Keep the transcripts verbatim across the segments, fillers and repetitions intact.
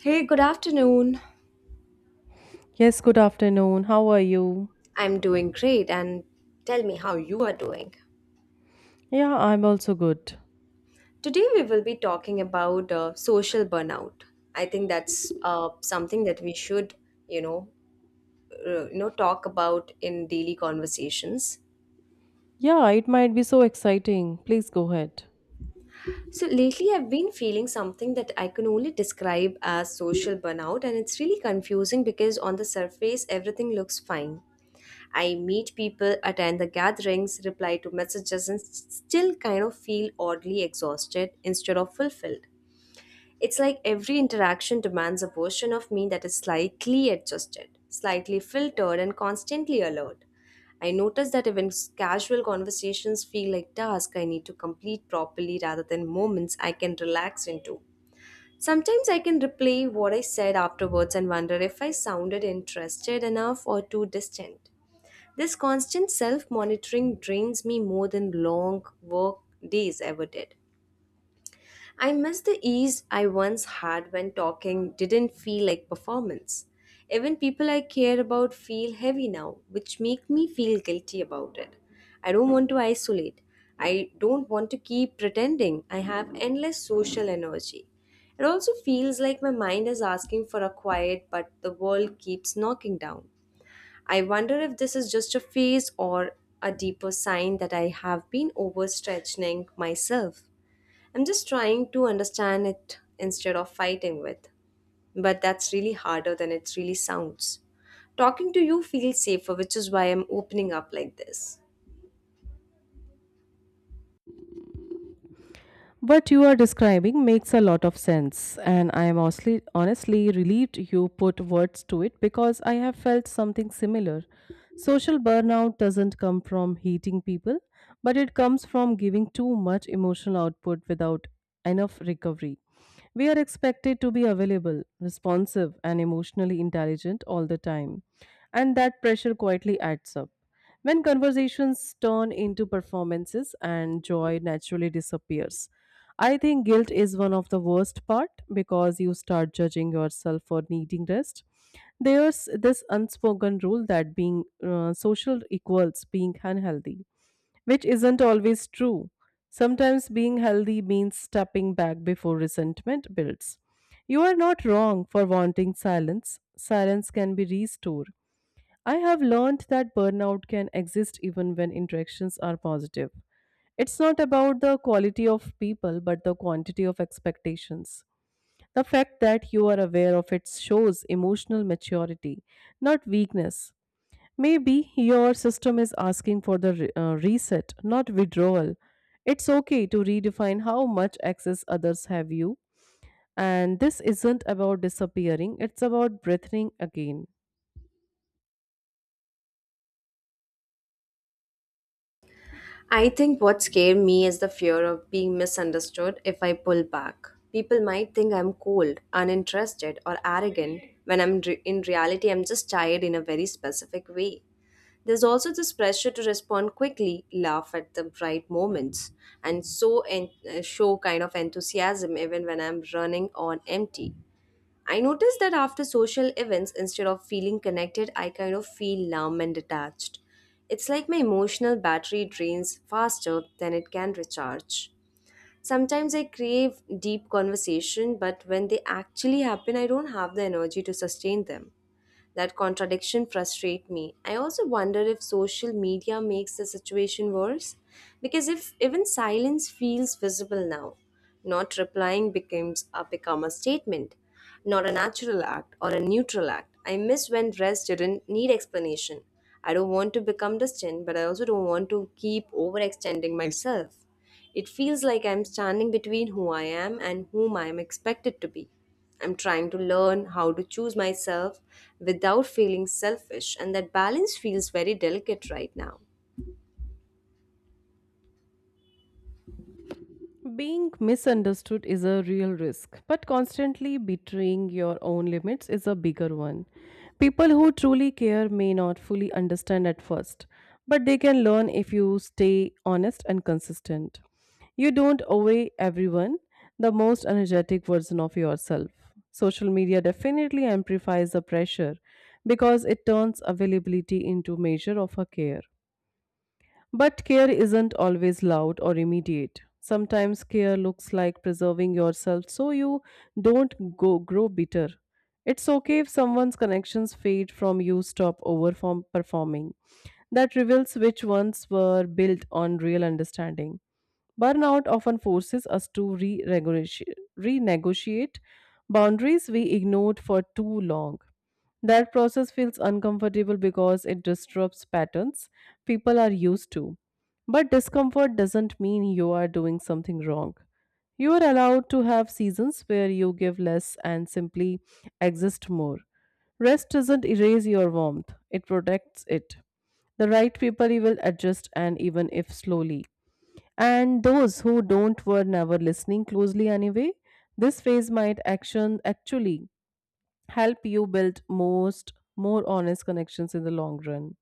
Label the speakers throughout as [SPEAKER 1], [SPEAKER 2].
[SPEAKER 1] Hey, good afternoon.
[SPEAKER 2] Yes, good afternoon. How are you?
[SPEAKER 1] I'm doing great, and tell me how you are doing.
[SPEAKER 2] Yeah, I'm also good.
[SPEAKER 1] Today, we will be talking about uh, social burnout. I think that's uh, something that we should, you know, uh, you know, talk about in daily conversations.
[SPEAKER 2] Yeah, it might be so exciting. Please go ahead.
[SPEAKER 1] So lately, I've been feeling something that I can only describe as social burnout, and it's really confusing because on the surface, everything looks fine. I meet people, attend the gatherings, reply to messages, and s- still kind of feel oddly exhausted instead of fulfilled. It's like every interaction demands a version of me that is slightly adjusted, slightly filtered, and constantly alert. I notice that even s- casual conversations feel like tasks I need to complete properly rather than moments I can relax into. Sometimes I can replay what I said afterwards and wonder if I sounded interested enough or too distant. This constant self monitoring drains me more than long work days ever did. I miss the ease I once had when talking didn't feel like performance. Even people I care about feel heavy now, which make me feel guilty about it. I don't want to isolate. I don't want to keep pretending I have endless social energy. It also feels like my mind is asking for a quiet, but the world keeps knocking down. I wonder if this is just a phase or a deeper sign that I have been overstretching myself. I'm just trying to understand it instead of fighting with. But that's really harder than it really sounds. Talking to you feels safer, which is why I'm opening up like this.
[SPEAKER 2] What you are describing makes a lot of sense, and I am honestly, honestly relieved you put words to it because I have felt something similar. Social burnout doesn't come from hating people, but it comes from giving too much emotional output without enough recovery. We are expected to be available, responsive, and emotionally intelligent all the time, and that pressure quietly adds up. When conversations turn into performances and joy naturally disappears, I think guilt is one of the worst part because you start judging yourself for needing rest. There's this unspoken rule that being uh, social equals being unhealthy, which isn't always true. Sometimes being healthy means stepping back before resentment builds. You are not wrong for wanting silence. Silence can be restored. I have learned that burnout can exist even when interactions are positive. It's not about the quality of people, but the quantity of expectations. The fact that you are aware of it shows emotional maturity, not weakness. Maybe your system is asking for the re- uh, reset, not withdrawal. It's okay to redefine how much access others have you, and this isn't about disappearing, it's about breathing again.
[SPEAKER 1] I think what scared me is the fear of being misunderstood if I pull back. People might think I'm cold, uninterested, or arrogant when I'm re- in reality I'm just tired in a very specific way. There's also this pressure to respond quickly, laugh at the right moments, and so en- uh, show kind of enthusiasm even when I'm running on empty. I noticed that after social events, instead of feeling connected, I kind of feel numb and detached. It's like my emotional battery drains faster than it can recharge. Sometimes I crave deep conversation, but when they actually happen, I don't have the energy to sustain them. That contradiction frustrates me. I also wonder if social media makes the situation worse because if even silence feels visible now, not replying becomes a become a statement, not a natural act or a neutral act. I miss when rest didn't need explanation. I don't want to become distant, but I also don't want to keep overextending myself. It feels like I'm standing between who I am and whom I am expected to be. I'm trying to learn how to choose myself without feeling selfish, and that balance feels very delicate right now.
[SPEAKER 2] Being misunderstood is a real risk, but constantly betraying your own limits is a bigger one. People who truly care may not fully understand at first, but they can learn if you stay honest and consistent. You don't owe everyone the most energetic version of yourself. Social media definitely amplifies the pressure because it turns availability into measure of a care. But care isn't always loud or immediate. Sometimes care looks like preserving yourself so you don't go grow bitter. It's okay if someone's connections fade from you stop over performing. That reveals which ones were built on real understanding. Burnout often forces us to re renegotiate renegotiate boundaries we ignored for too long. That process feels uncomfortable because it disrupts patterns people are used to. But discomfort doesn't mean you are doing something wrong. You are allowed to have seasons where you give less and simply exist more. Rest doesn't erase your warmth, it protects it. The right people will adjust, and even if slowly. And those who don't were never listening closely anyway. This phase might action actually help you build most more honest connections in the long run.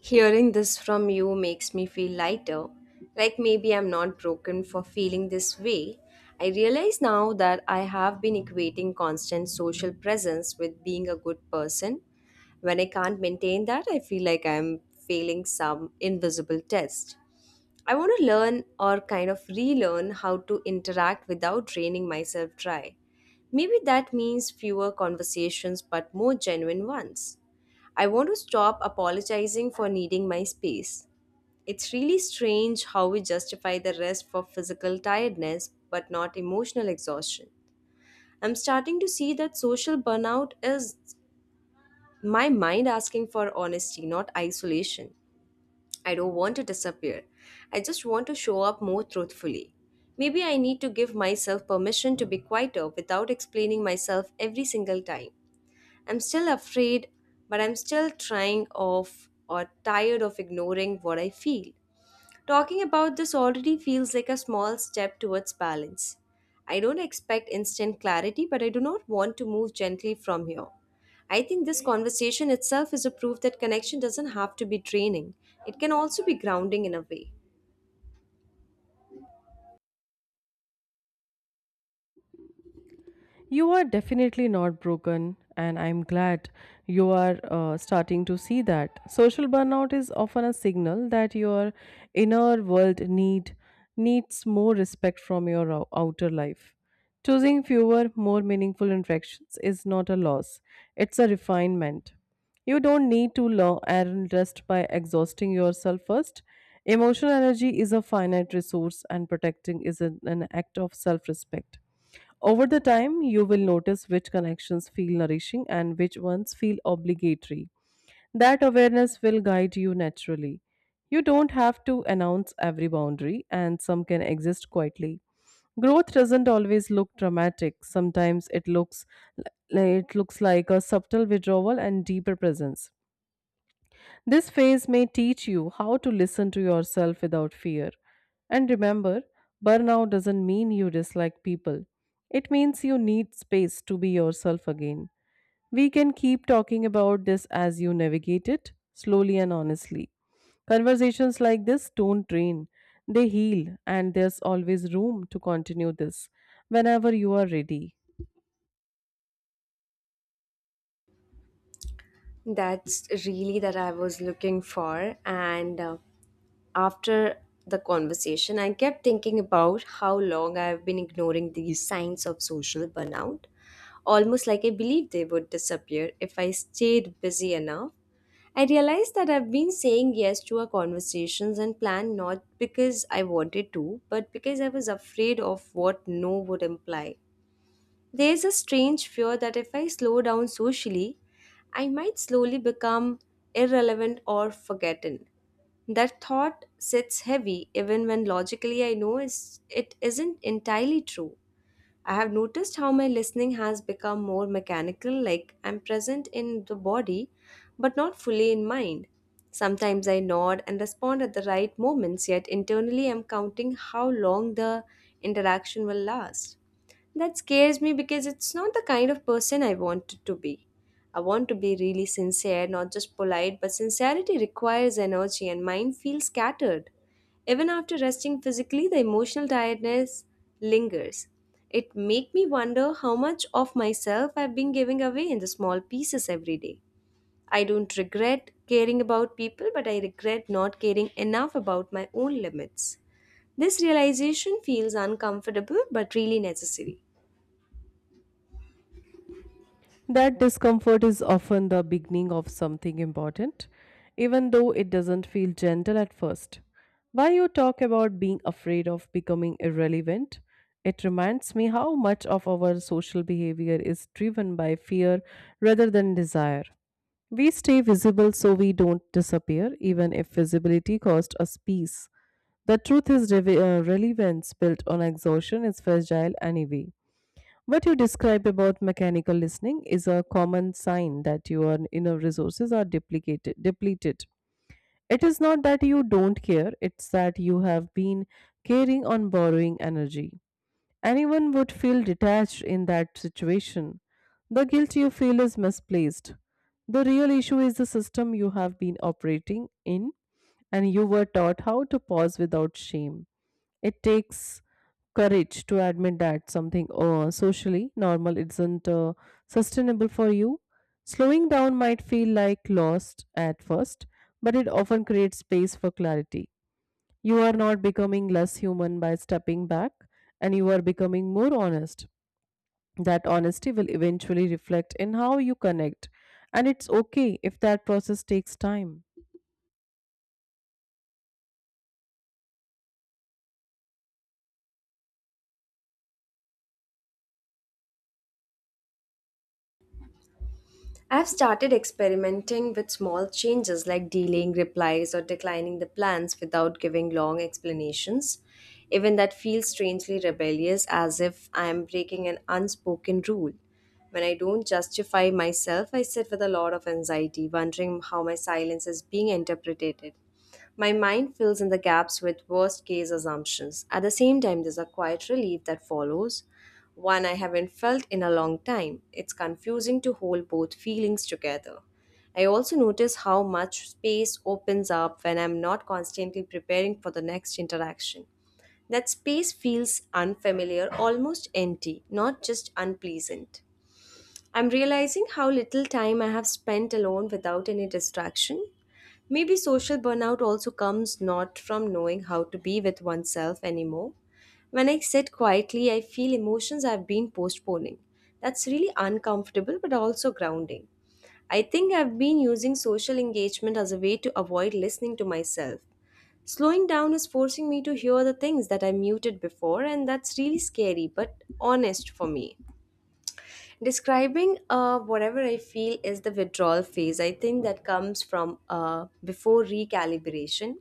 [SPEAKER 1] Hearing this from you makes me feel lighter, like maybe I'm not broken for feeling this way. I realize now that I have been equating constant social presence with being a good person. When I can't maintain that, I feel like I'm failing some invisible test. I want to learn or kind of relearn how to interact without draining myself dry. Maybe that means fewer conversations but more genuine ones. I want to stop apologizing for needing my space. It's really strange how we justify the rest for physical tiredness but not emotional exhaustion. I'm starting to see that social burnout is my mind asking for honesty, not isolation. I don't want to disappear. I just want to show up more truthfully. Maybe I need to give myself permission to be quieter without explaining myself every single time. I'm still afraid, but I'm still trying off or tired of ignoring what I feel. Talking about this already feels like a small step towards balance. I don't expect instant clarity, but I do not want to move gently from here. I think this conversation itself is a proof that connection doesn't have to be draining, it can also be grounding in a way.
[SPEAKER 2] You are definitely not broken, and I'm glad you are uh, starting to see that. Social burnout is often a signal that your inner world need needs more respect from your ou- outer life. Choosing fewer, more meaningful interactions is not a loss; it's a refinement. You don't need to learn and rest by exhausting yourself first. Emotional energy is a finite resource, and protecting is an an act of self-respect. Over the time, you will notice which connections feel nourishing and which ones feel obligatory. That awareness will guide you naturally. You don't have to announce every boundary, and some can exist quietly. Growth doesn't always look dramatic. Sometimes it looks it looks like a subtle withdrawal and deeper presence. This phase may teach you how to listen to yourself without fear. And remember, burnout doesn't mean you dislike people. It means you need space to be yourself again. We can keep talking about this as you navigate it, slowly and honestly. Conversations like this don't drain, they heal, and there's always room to continue this whenever you are ready.
[SPEAKER 1] That's really that I was looking for, and uh, after the conversation, I kept thinking about how long I've been ignoring these signs of social burnout, almost like I believed they would disappear if I stayed busy enough. I realized that I've been saying yes to our conversations and plan not because I wanted to, but because I was afraid of what no would imply. There's a strange fear that if I slow down socially, I might slowly become irrelevant or forgotten. That thought sits heavy even when logically I know is- it isn't entirely true. I have noticed how my listening has become more mechanical, like I'm present in the body but not fully in mind. Sometimes I nod and respond at the right moments, yet internally I'm counting how long the interaction will last. That scares me because it's not the kind of person I wanted to be. I want to be really sincere, not just polite, but sincerity requires energy and mine feels scattered. Even after resting physically, the emotional tiredness lingers. It makes me wonder how much of myself I've been giving away in the small pieces every day. I don't regret caring about people, but I regret not caring enough about my own limits. This realization feels uncomfortable but really necessary.
[SPEAKER 2] That discomfort is often the beginning of something important, even though it doesn't feel gentle at first. While you talk about being afraid of becoming irrelevant, it reminds me how much of our social behavior is driven by fear rather than desire. We stay visible so we don't disappear, even if visibility costs us peace. The truth is, rev- uh, relevance built on exhaustion is fragile anyway. What you describe about mechanical listening is a common sign that your inner resources are duplicated, depleted. It is not that you don't care, it's that you have been caring on borrowing energy. Anyone would feel detached in that situation. The guilt you feel is misplaced. The real issue is the system you have been operating in, and you were taught how to pause without shame. It takes courage to admit that something uh, socially normal isn't uh, sustainable for you. Slowing down might feel like lost at first, but it often creates space for clarity. You are not becoming less human by stepping back, and you are becoming more honest, that honesty will eventually reflect in how you connect. And it's okay if that process takes time.
[SPEAKER 1] I've started experimenting with small changes like delaying replies or declining the plans without giving long explanations. Even that feels strangely rebellious, as if I am breaking an unspoken rule. When I don't justify myself, I sit with a lot of anxiety, wondering how my silence is being interpreted. My mind fills in the gaps with worst case assumptions. At the same time, there's a quiet relief that follows, one I haven't felt in a long time. It's confusing to hold both feelings together. I also notice how much space opens up when I'm not constantly preparing for the next interaction. That space feels unfamiliar, almost empty, not just unpleasant. I'm realizing how little time I have spent alone without any distraction. Maybe social burnout also comes not from knowing how to be with oneself anymore. When I sit quietly, I feel emotions I've been postponing. That's really uncomfortable but also grounding. I think I've been using social engagement as a way to avoid listening to myself. Slowing down is forcing me to hear the things that I muted before, and that's really scary but honest for me describing uh, whatever I feel is the withdrawal phase I think that comes from uh, before recalibration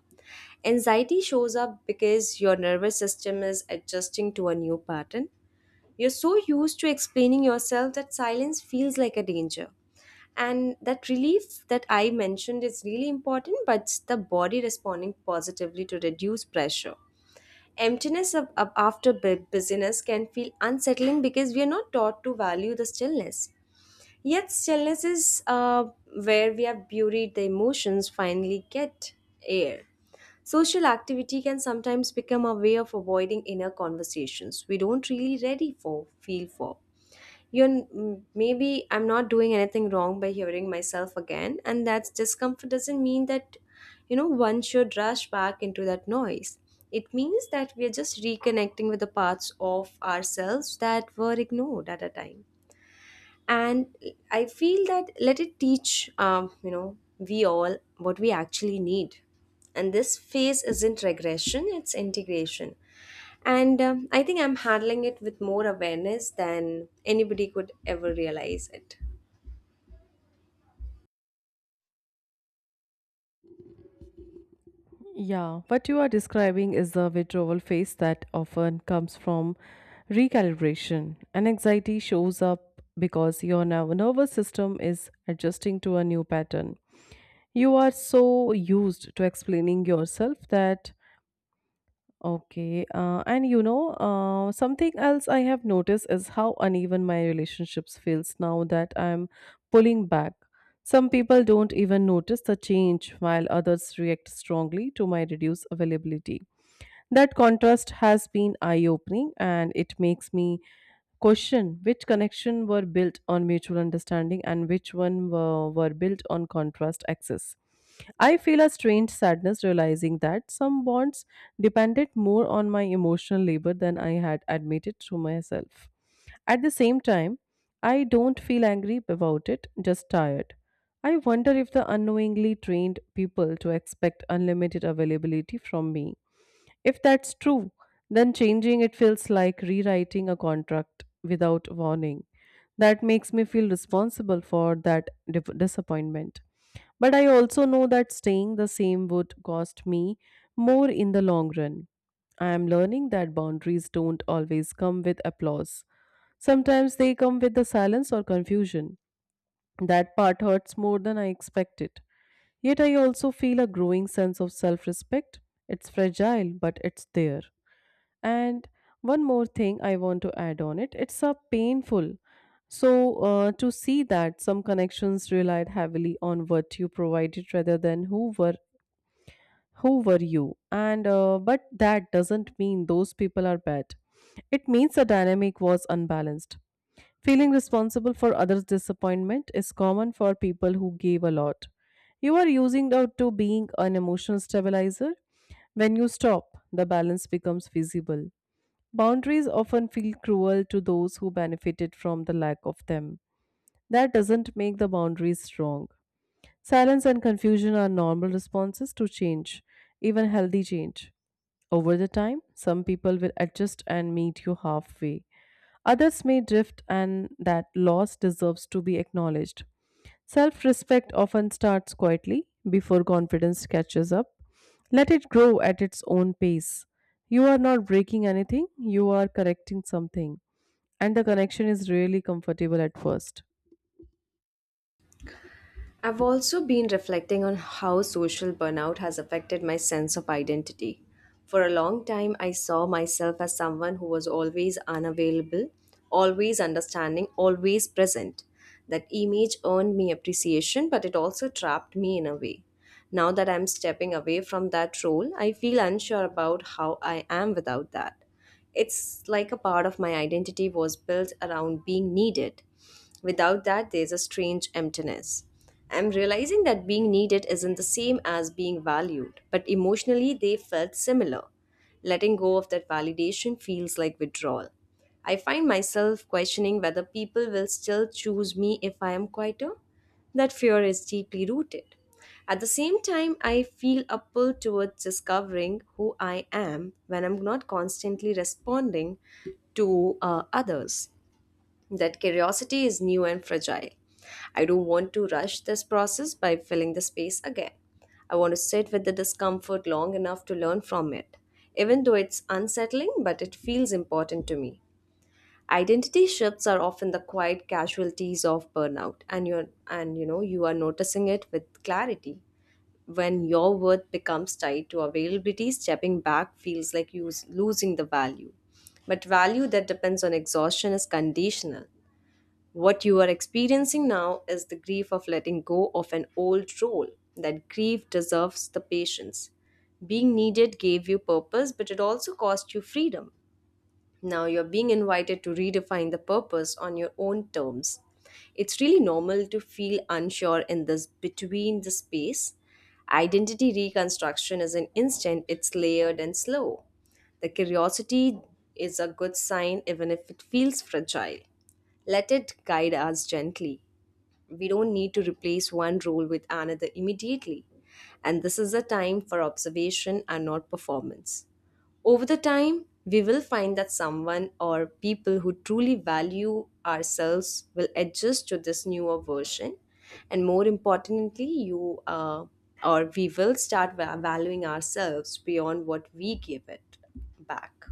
[SPEAKER 1] anxiety shows up because your nervous system is adjusting to a new pattern you're so used to explaining yourself that silence feels like a danger and that relief that I mentioned is really important but it's the body responding positively to reduce pressure emptiness of, of- after bu- busyness can feel unsettling because we are not taught to value the stillness. Yet stillness is uh, where we have buried the emotions finally get air. Social activity can sometimes become a way of avoiding inner conversations we don't really ready for, feel for. You're mm, maybe I'm not doing anything wrong by hearing myself again, and that discomfort doesn't mean that you know one should rush back into that noise. It means that we are just reconnecting with the parts of ourselves that were ignored at a time and I feel that let it teach um, you know we all what we actually need and this phase isn't regression it's integration and um, I think I'm handling it with more awareness than anybody could ever realize it.
[SPEAKER 2] Yeah, what you are describing is the withdrawal phase that often comes from recalibration. And anxiety shows up because your nerv- nervous system is adjusting to a new pattern. You are so used to explaining yourself that okay, uh, and you know uh, something else I have noticed is how uneven my relationships feels now that I'm pulling back. Some people don't even notice the change while others react strongly to my reduced availability. That contrast has been eye opening and it makes me question. Which connection were built on mutual understanding and which one were, were built on contrast axis? I feel a strange sadness realizing that some bonds depended more on my emotional labor than I had admitted to myself. At the same time, I don't feel angry about it, just tired. I wonder if the unknowingly trained people to expect unlimited availability from me. If that's true, then changing it feels like rewriting a contract without warning. That makes me feel responsible for that dip- disappointment. But I also know that staying the same would cost me more in the long run. I am learning that boundaries don't always come with applause. Sometimes they come with the silence or confusion. That part hurts more than I expected. Yet I also feel a growing sense of self respect. It's fragile, but it's there. And one more thing I want to add on it, it's a painful. So, uh, to see that some connections relied heavily on what you provided rather than who were who were you, and uh, but that doesn't mean those people are bad. It means the dynamic was unbalanced. Feeling responsible for others disappointment is common for people who gave a lot. You are using out to being an emotional stabilizer. When you stop, the balance becomes visible. Boundaries often feel cruel to those who benefited from the lack of them. That doesn't make the boundaries strong. Silence and confusion are normal responses to change, even healthy change. Over the time, some people will adjust and meet you halfway. Others may drift, and that loss deserves to be acknowledged. Self respect often starts quietly before confidence catches up. Let it grow at its own pace. You are not breaking anything, you are correcting something, and the connection is really comfortable at first.
[SPEAKER 1] I've also been reflecting on how social burnout has affected my sense of identity. For a long time, I saw myself as someone who was always unavailable, always understanding, always present. That image earned me appreciation, but it also trapped me in a way. Now that I'm stepping away from that role, I feel unsure about how I am without that. It's like a part of my identity was built around being needed. Without that, there's a strange emptiness. I'm realizing that being needed isn't the same as being valued, but emotionally they felt similar. Letting go of that validation feels like withdrawal. I find myself questioning whether people will still choose me if I am quieter. That fear is deeply rooted. At the same time, I feel a pull towards discovering who I am when I'm not constantly responding to uh, others. That curiosity is new and fragile. I don't want to rush this process by filling the space again. I want to sit with the discomfort long enough to learn from it. Even though it's unsettling, but it feels important to me. Identity shifts are often the quiet casualties of burnout and you're and you know you are noticing it with clarity. When your worth becomes tied to availability, stepping back feels like you s- losing the value. But value that depends on exhaustion is conditional. What you are experiencing now is the grief of letting go of an old role. That grief deserves the patience. Being needed gave you purpose, but it also cost you freedom. Now you're being invited to redefine the purpose on your own terms. It's really normal to feel unsure in this between the space. Identity reconstruction is an instant, it's layered and slow. The curiosity is a good sign even if it feels fragile. Let it guide us gently. We don't need to replace one role with another immediately. And this is a time for observation and not performance. Over the time, we will find that someone or people who truly value ourselves will adjust to this newer version. And more importantly, you uh, or we will start va- valuing ourselves beyond what we give it back.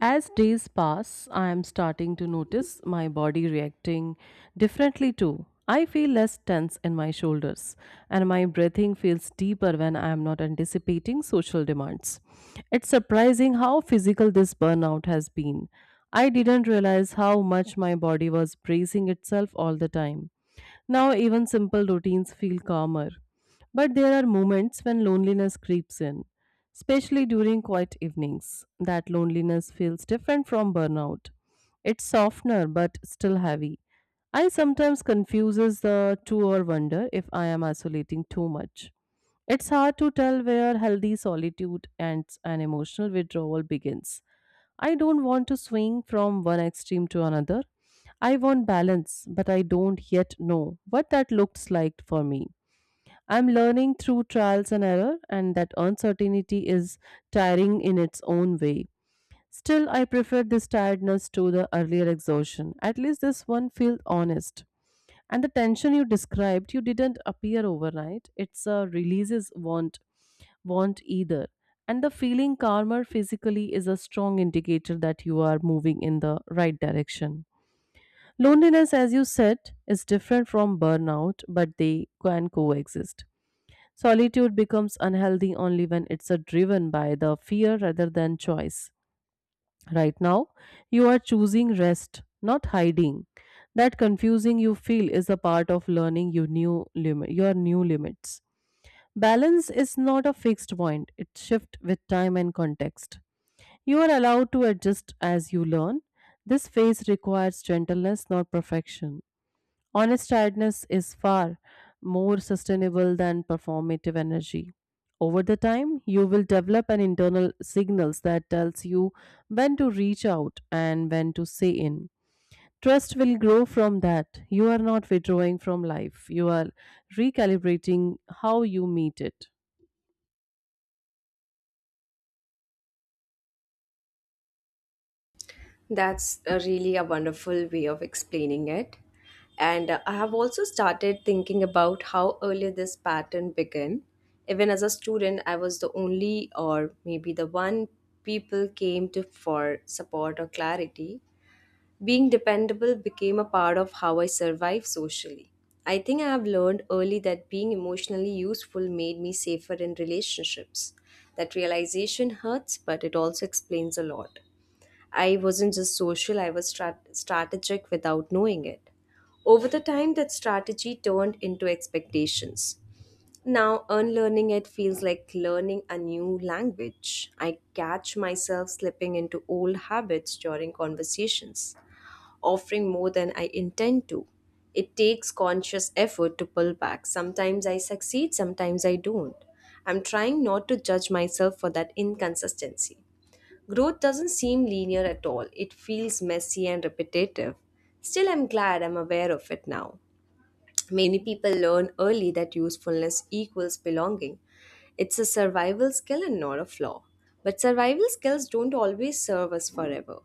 [SPEAKER 2] As days pass, I am starting to notice my body reacting differently too. I feel less tense in my shoulders, and my breathing feels deeper when I am not anticipating social demands. It's surprising how physical this burnout has been. I didn't realize how much my body was bracing itself all the time. Now, even simple routines feel calmer. But there are moments when loneliness creeps in especially during quiet evenings. That loneliness feels different from burnout. It's softer, but still heavy. I sometimes confuses the two or wonder if I am isolating too much. It's hard to tell where healthy solitude and an emotional withdrawal begins. I don't want to swing from one extreme to another. I want balance, but I don't yet know what that looks like for me. I'm learning through trials and error, and that uncertainty is tiring in its own way. Still, I prefer this tiredness to the earlier exhaustion. At least this one feels honest. And the tension you described, you didn't appear overnight. It's a releases want want either. And the feeling calmer physically is a strong indicator that you are moving in the right direction. Loneliness, as you said, is different from burnout, but they can coexist. Solitude becomes unhealthy only when it's uh, driven by the fear rather than choice. Right now, you are choosing rest, not hiding. That confusing you feel is a part of learning your new limit, your new limits. Balance is not a fixed point; it shifts with time and context. You are allowed to adjust as you learn. This phase requires gentleness, not perfection. Honest tiredness is far more sustainable than performative energy. Over the time, you will develop an internal signals that tells you when to reach out and when to say in. Trust will grow from that. You are not withdrawing from life. You are recalibrating how you meet it.
[SPEAKER 1] That's a really a wonderful way of explaining it. And uh, I have also started thinking about how early this pattern began. Even as a student, I was the only or maybe the one people came to for support or clarity. Being dependable became a part of how I survived socially. I think I have learned early that being emotionally useful made me safer in relationships. That realization hurts, but it also explains a lot. I wasn't just social, I was strat- strategic without knowing it. Over the time, that strategy turned into expectations. Now, unlearning it feels like learning a new language. I catch myself slipping into old habits during conversations, offering more than I intend to. It takes conscious effort to pull back. Sometimes I succeed, sometimes I don't. I'm trying not to judge myself for that inconsistency. Growth doesn't seem linear at all. It feels messy and repetitive. Still, I'm glad I'm aware of it now. Many people learn early that usefulness equals belonging. It's a survival skill and not a flaw. But survival skills don't always serve us forever.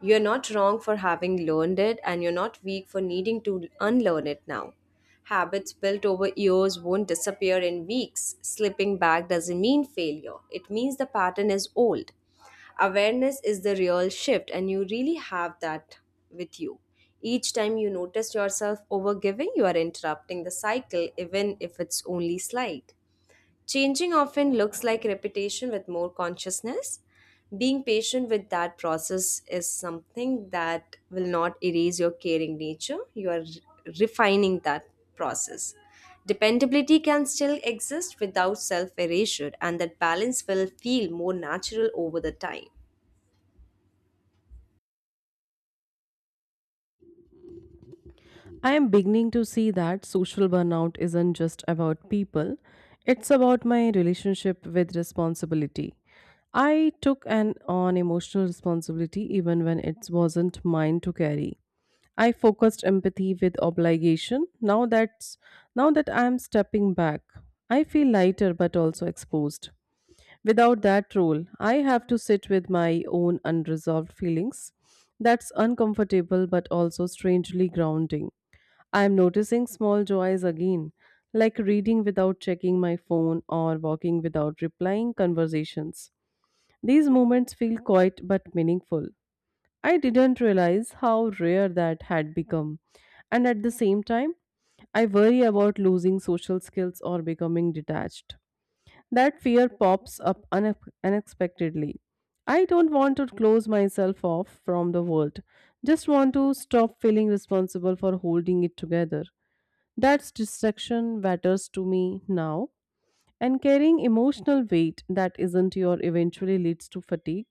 [SPEAKER 1] You're not wrong for having learned it, and you're not weak for needing to unlearn it now. Habits built over years won't disappear in weeks. Slipping back doesn't mean failure, it means the pattern is old. Awareness is the real shift, and you really have that with you. Each time you notice yourself overgiving, you are interrupting the cycle even if it's only slight. Changing often looks like repetition with more consciousness. Being patient with that process is something that will not erase your caring nature. You are re- refining that process. Dependability can still exist without self erasure, and that balance will feel more natural over the time.
[SPEAKER 2] I am beginning to see that social burnout isn't just about people, it's about my relationship with responsibility. I took an on emotional responsibility even when it wasn't mine to carry. I focused empathy with obligation. Now that's now that I am stepping back, I feel lighter but also exposed. Without that role, I have to sit with my own unresolved feelings. That's uncomfortable but also strangely grounding. I am noticing small joys again, like reading without checking my phone or walking without replying conversations. These moments feel quiet but meaningful. I didn't realize how rare that had become. And at the same time, I worry about losing social skills or becoming detached. That fear pops up une- unexpectedly. I don't want to close myself off from the world. Just want to stop feeling responsible for holding it together. That distraction matters to me now. And carrying emotional weight that isn't your eventually leads to fatigue.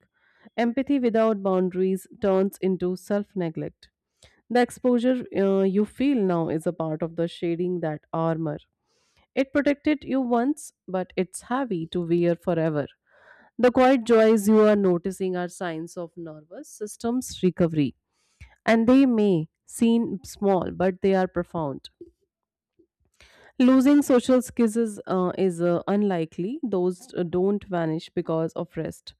[SPEAKER 2] Empathy without boundaries turns into self neglect. The exposure uh, you feel now is a part of the shading that armor. It protected you once, but it's heavy to wear forever. The quiet joys you are noticing are signs of nervous system's recovery, and they may seem small, but they are profound. Losing social skills is, uh, is uh, unlikely. Those uh, don't vanish because of rest.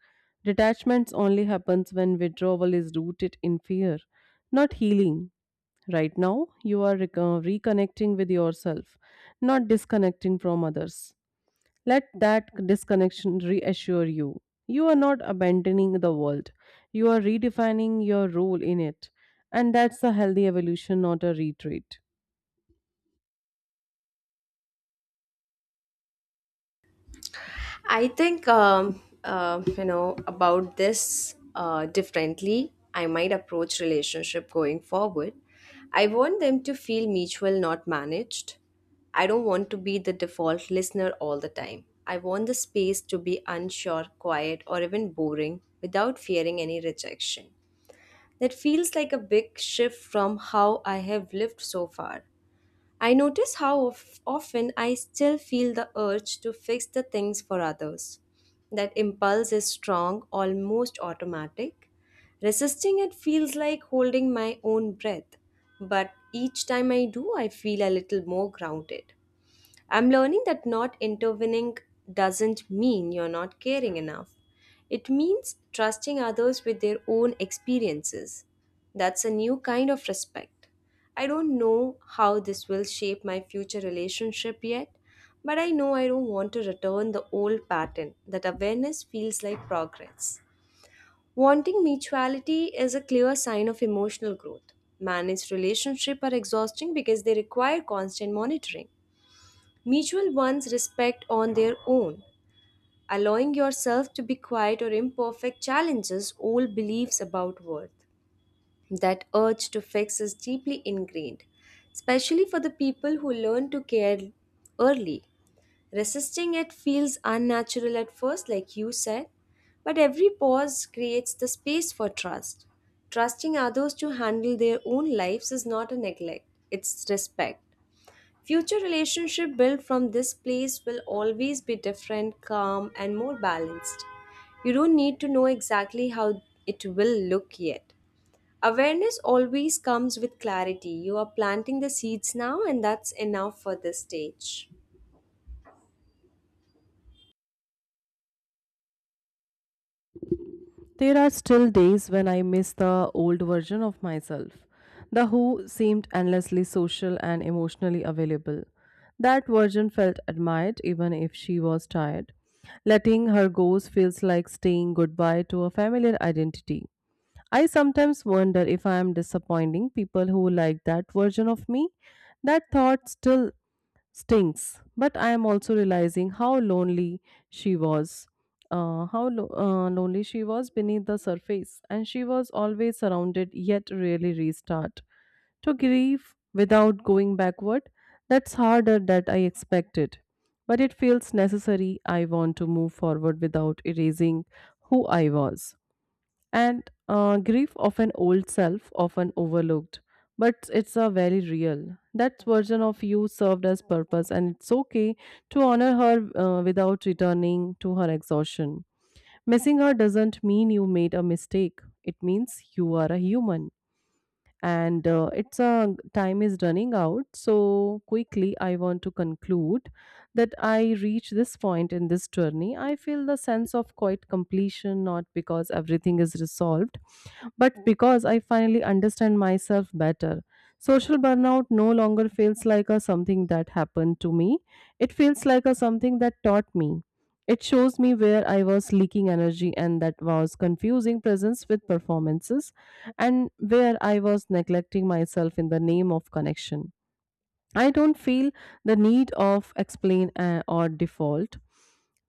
[SPEAKER 2] Detachments only happens when withdrawal is rooted in fear, not healing. Right now, you are rec- uh, reconnecting with yourself, not disconnecting from others. Let that disconnection reassure you. You are not abandoning the world, you are redefining your role in it. And that's a healthy evolution, not a retreat.
[SPEAKER 1] I think um, uh, you know about this uh, differently. I might approach relationship going forward. I want them to feel mutual, not managed. I don't want to be the default listener all the time. I want the space to be unsure, quiet, or even boring without fearing any rejection. That feels like a big shift from how I have lived so far. I notice how of- often I still feel the urge to fix the things for others. That impulse is strong, almost automatic. Resisting it feels like holding my own breath, but each time I do, I feel a little more grounded. I'm learning that not intervening doesn't mean you're not caring enough. It means trusting others with their own experiences. That's a new kind of respect. I don't know how this will shape my future relationship yet, but I know I don't want to return the old pattern that awareness feels like progress. Wanting mutuality is a clear sign of emotional growth. Managed relationships are exhausting because they require constant monitoring. Mutual ones respect on their own. Allowing yourself to be quiet or imperfect challenges old beliefs about worth. That urge to fix is deeply ingrained, especially for the people who learn to care early. Resisting it feels unnatural at first, like you said, but every pause creates the space for trust. Trusting others to handle their own lives is not a neglect, it's respect. Future relationship built from this place will always be different, calm, and more balanced. You don't need to know exactly how it will look yet. Awareness always comes with clarity. You are planting the seeds now, and that's enough for this stage.
[SPEAKER 2] There are still days when I miss the old version of myself. The who seemed endlessly social and emotionally available. That version felt admired even if she was tired. Letting her go feels like saying goodbye to a familiar identity. I sometimes wonder if I am disappointing people who like that version of me. That thought still stinks. But I am also realizing how lonely she was. Uh, how lo- uh, lonely she was beneath the surface, and she was always surrounded, yet rarely restart. To grieve without going backward, that's harder than I expected. But it feels necessary. I want to move forward without erasing who I was. And uh, Grief of an old self, often overlooked, but it's a very real. That version of you served as purpose, and it's okay to honor her uh, without returning to her exhaustion. Missing her doesn't mean you made a mistake, it means you are a human and uh, it's a time is running out so quickly. I want to conclude that I reach this point in this journey. I feel the sense of quite completion, not because everything is resolved, but because I finally understand myself better. Social burnout no longer feels like a something that happened to me, it feels like a something that taught me. It shows me where I was leaking energy and that was confusing presence with performances, and where I was neglecting myself in the name of connection. I don't feel the need of explain uh, or default,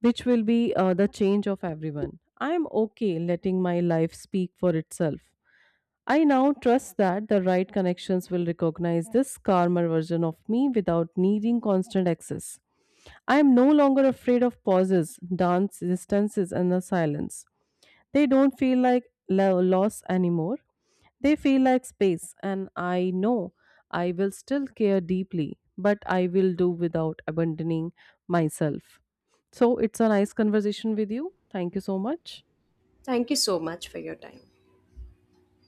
[SPEAKER 2] which will be uh, the change of everyone. I am okay letting my life speak for itself. I now trust that the right connections will recognize this calmer version of me without needing constant access. I am no longer afraid of pauses, dance distances, and the silence. They don't feel like lo- loss anymore. They feel like space, and I know I will still care deeply, but I will do without abandoning myself. So it's a nice conversation with you. Thank you so much.
[SPEAKER 1] Thank you so much for your time.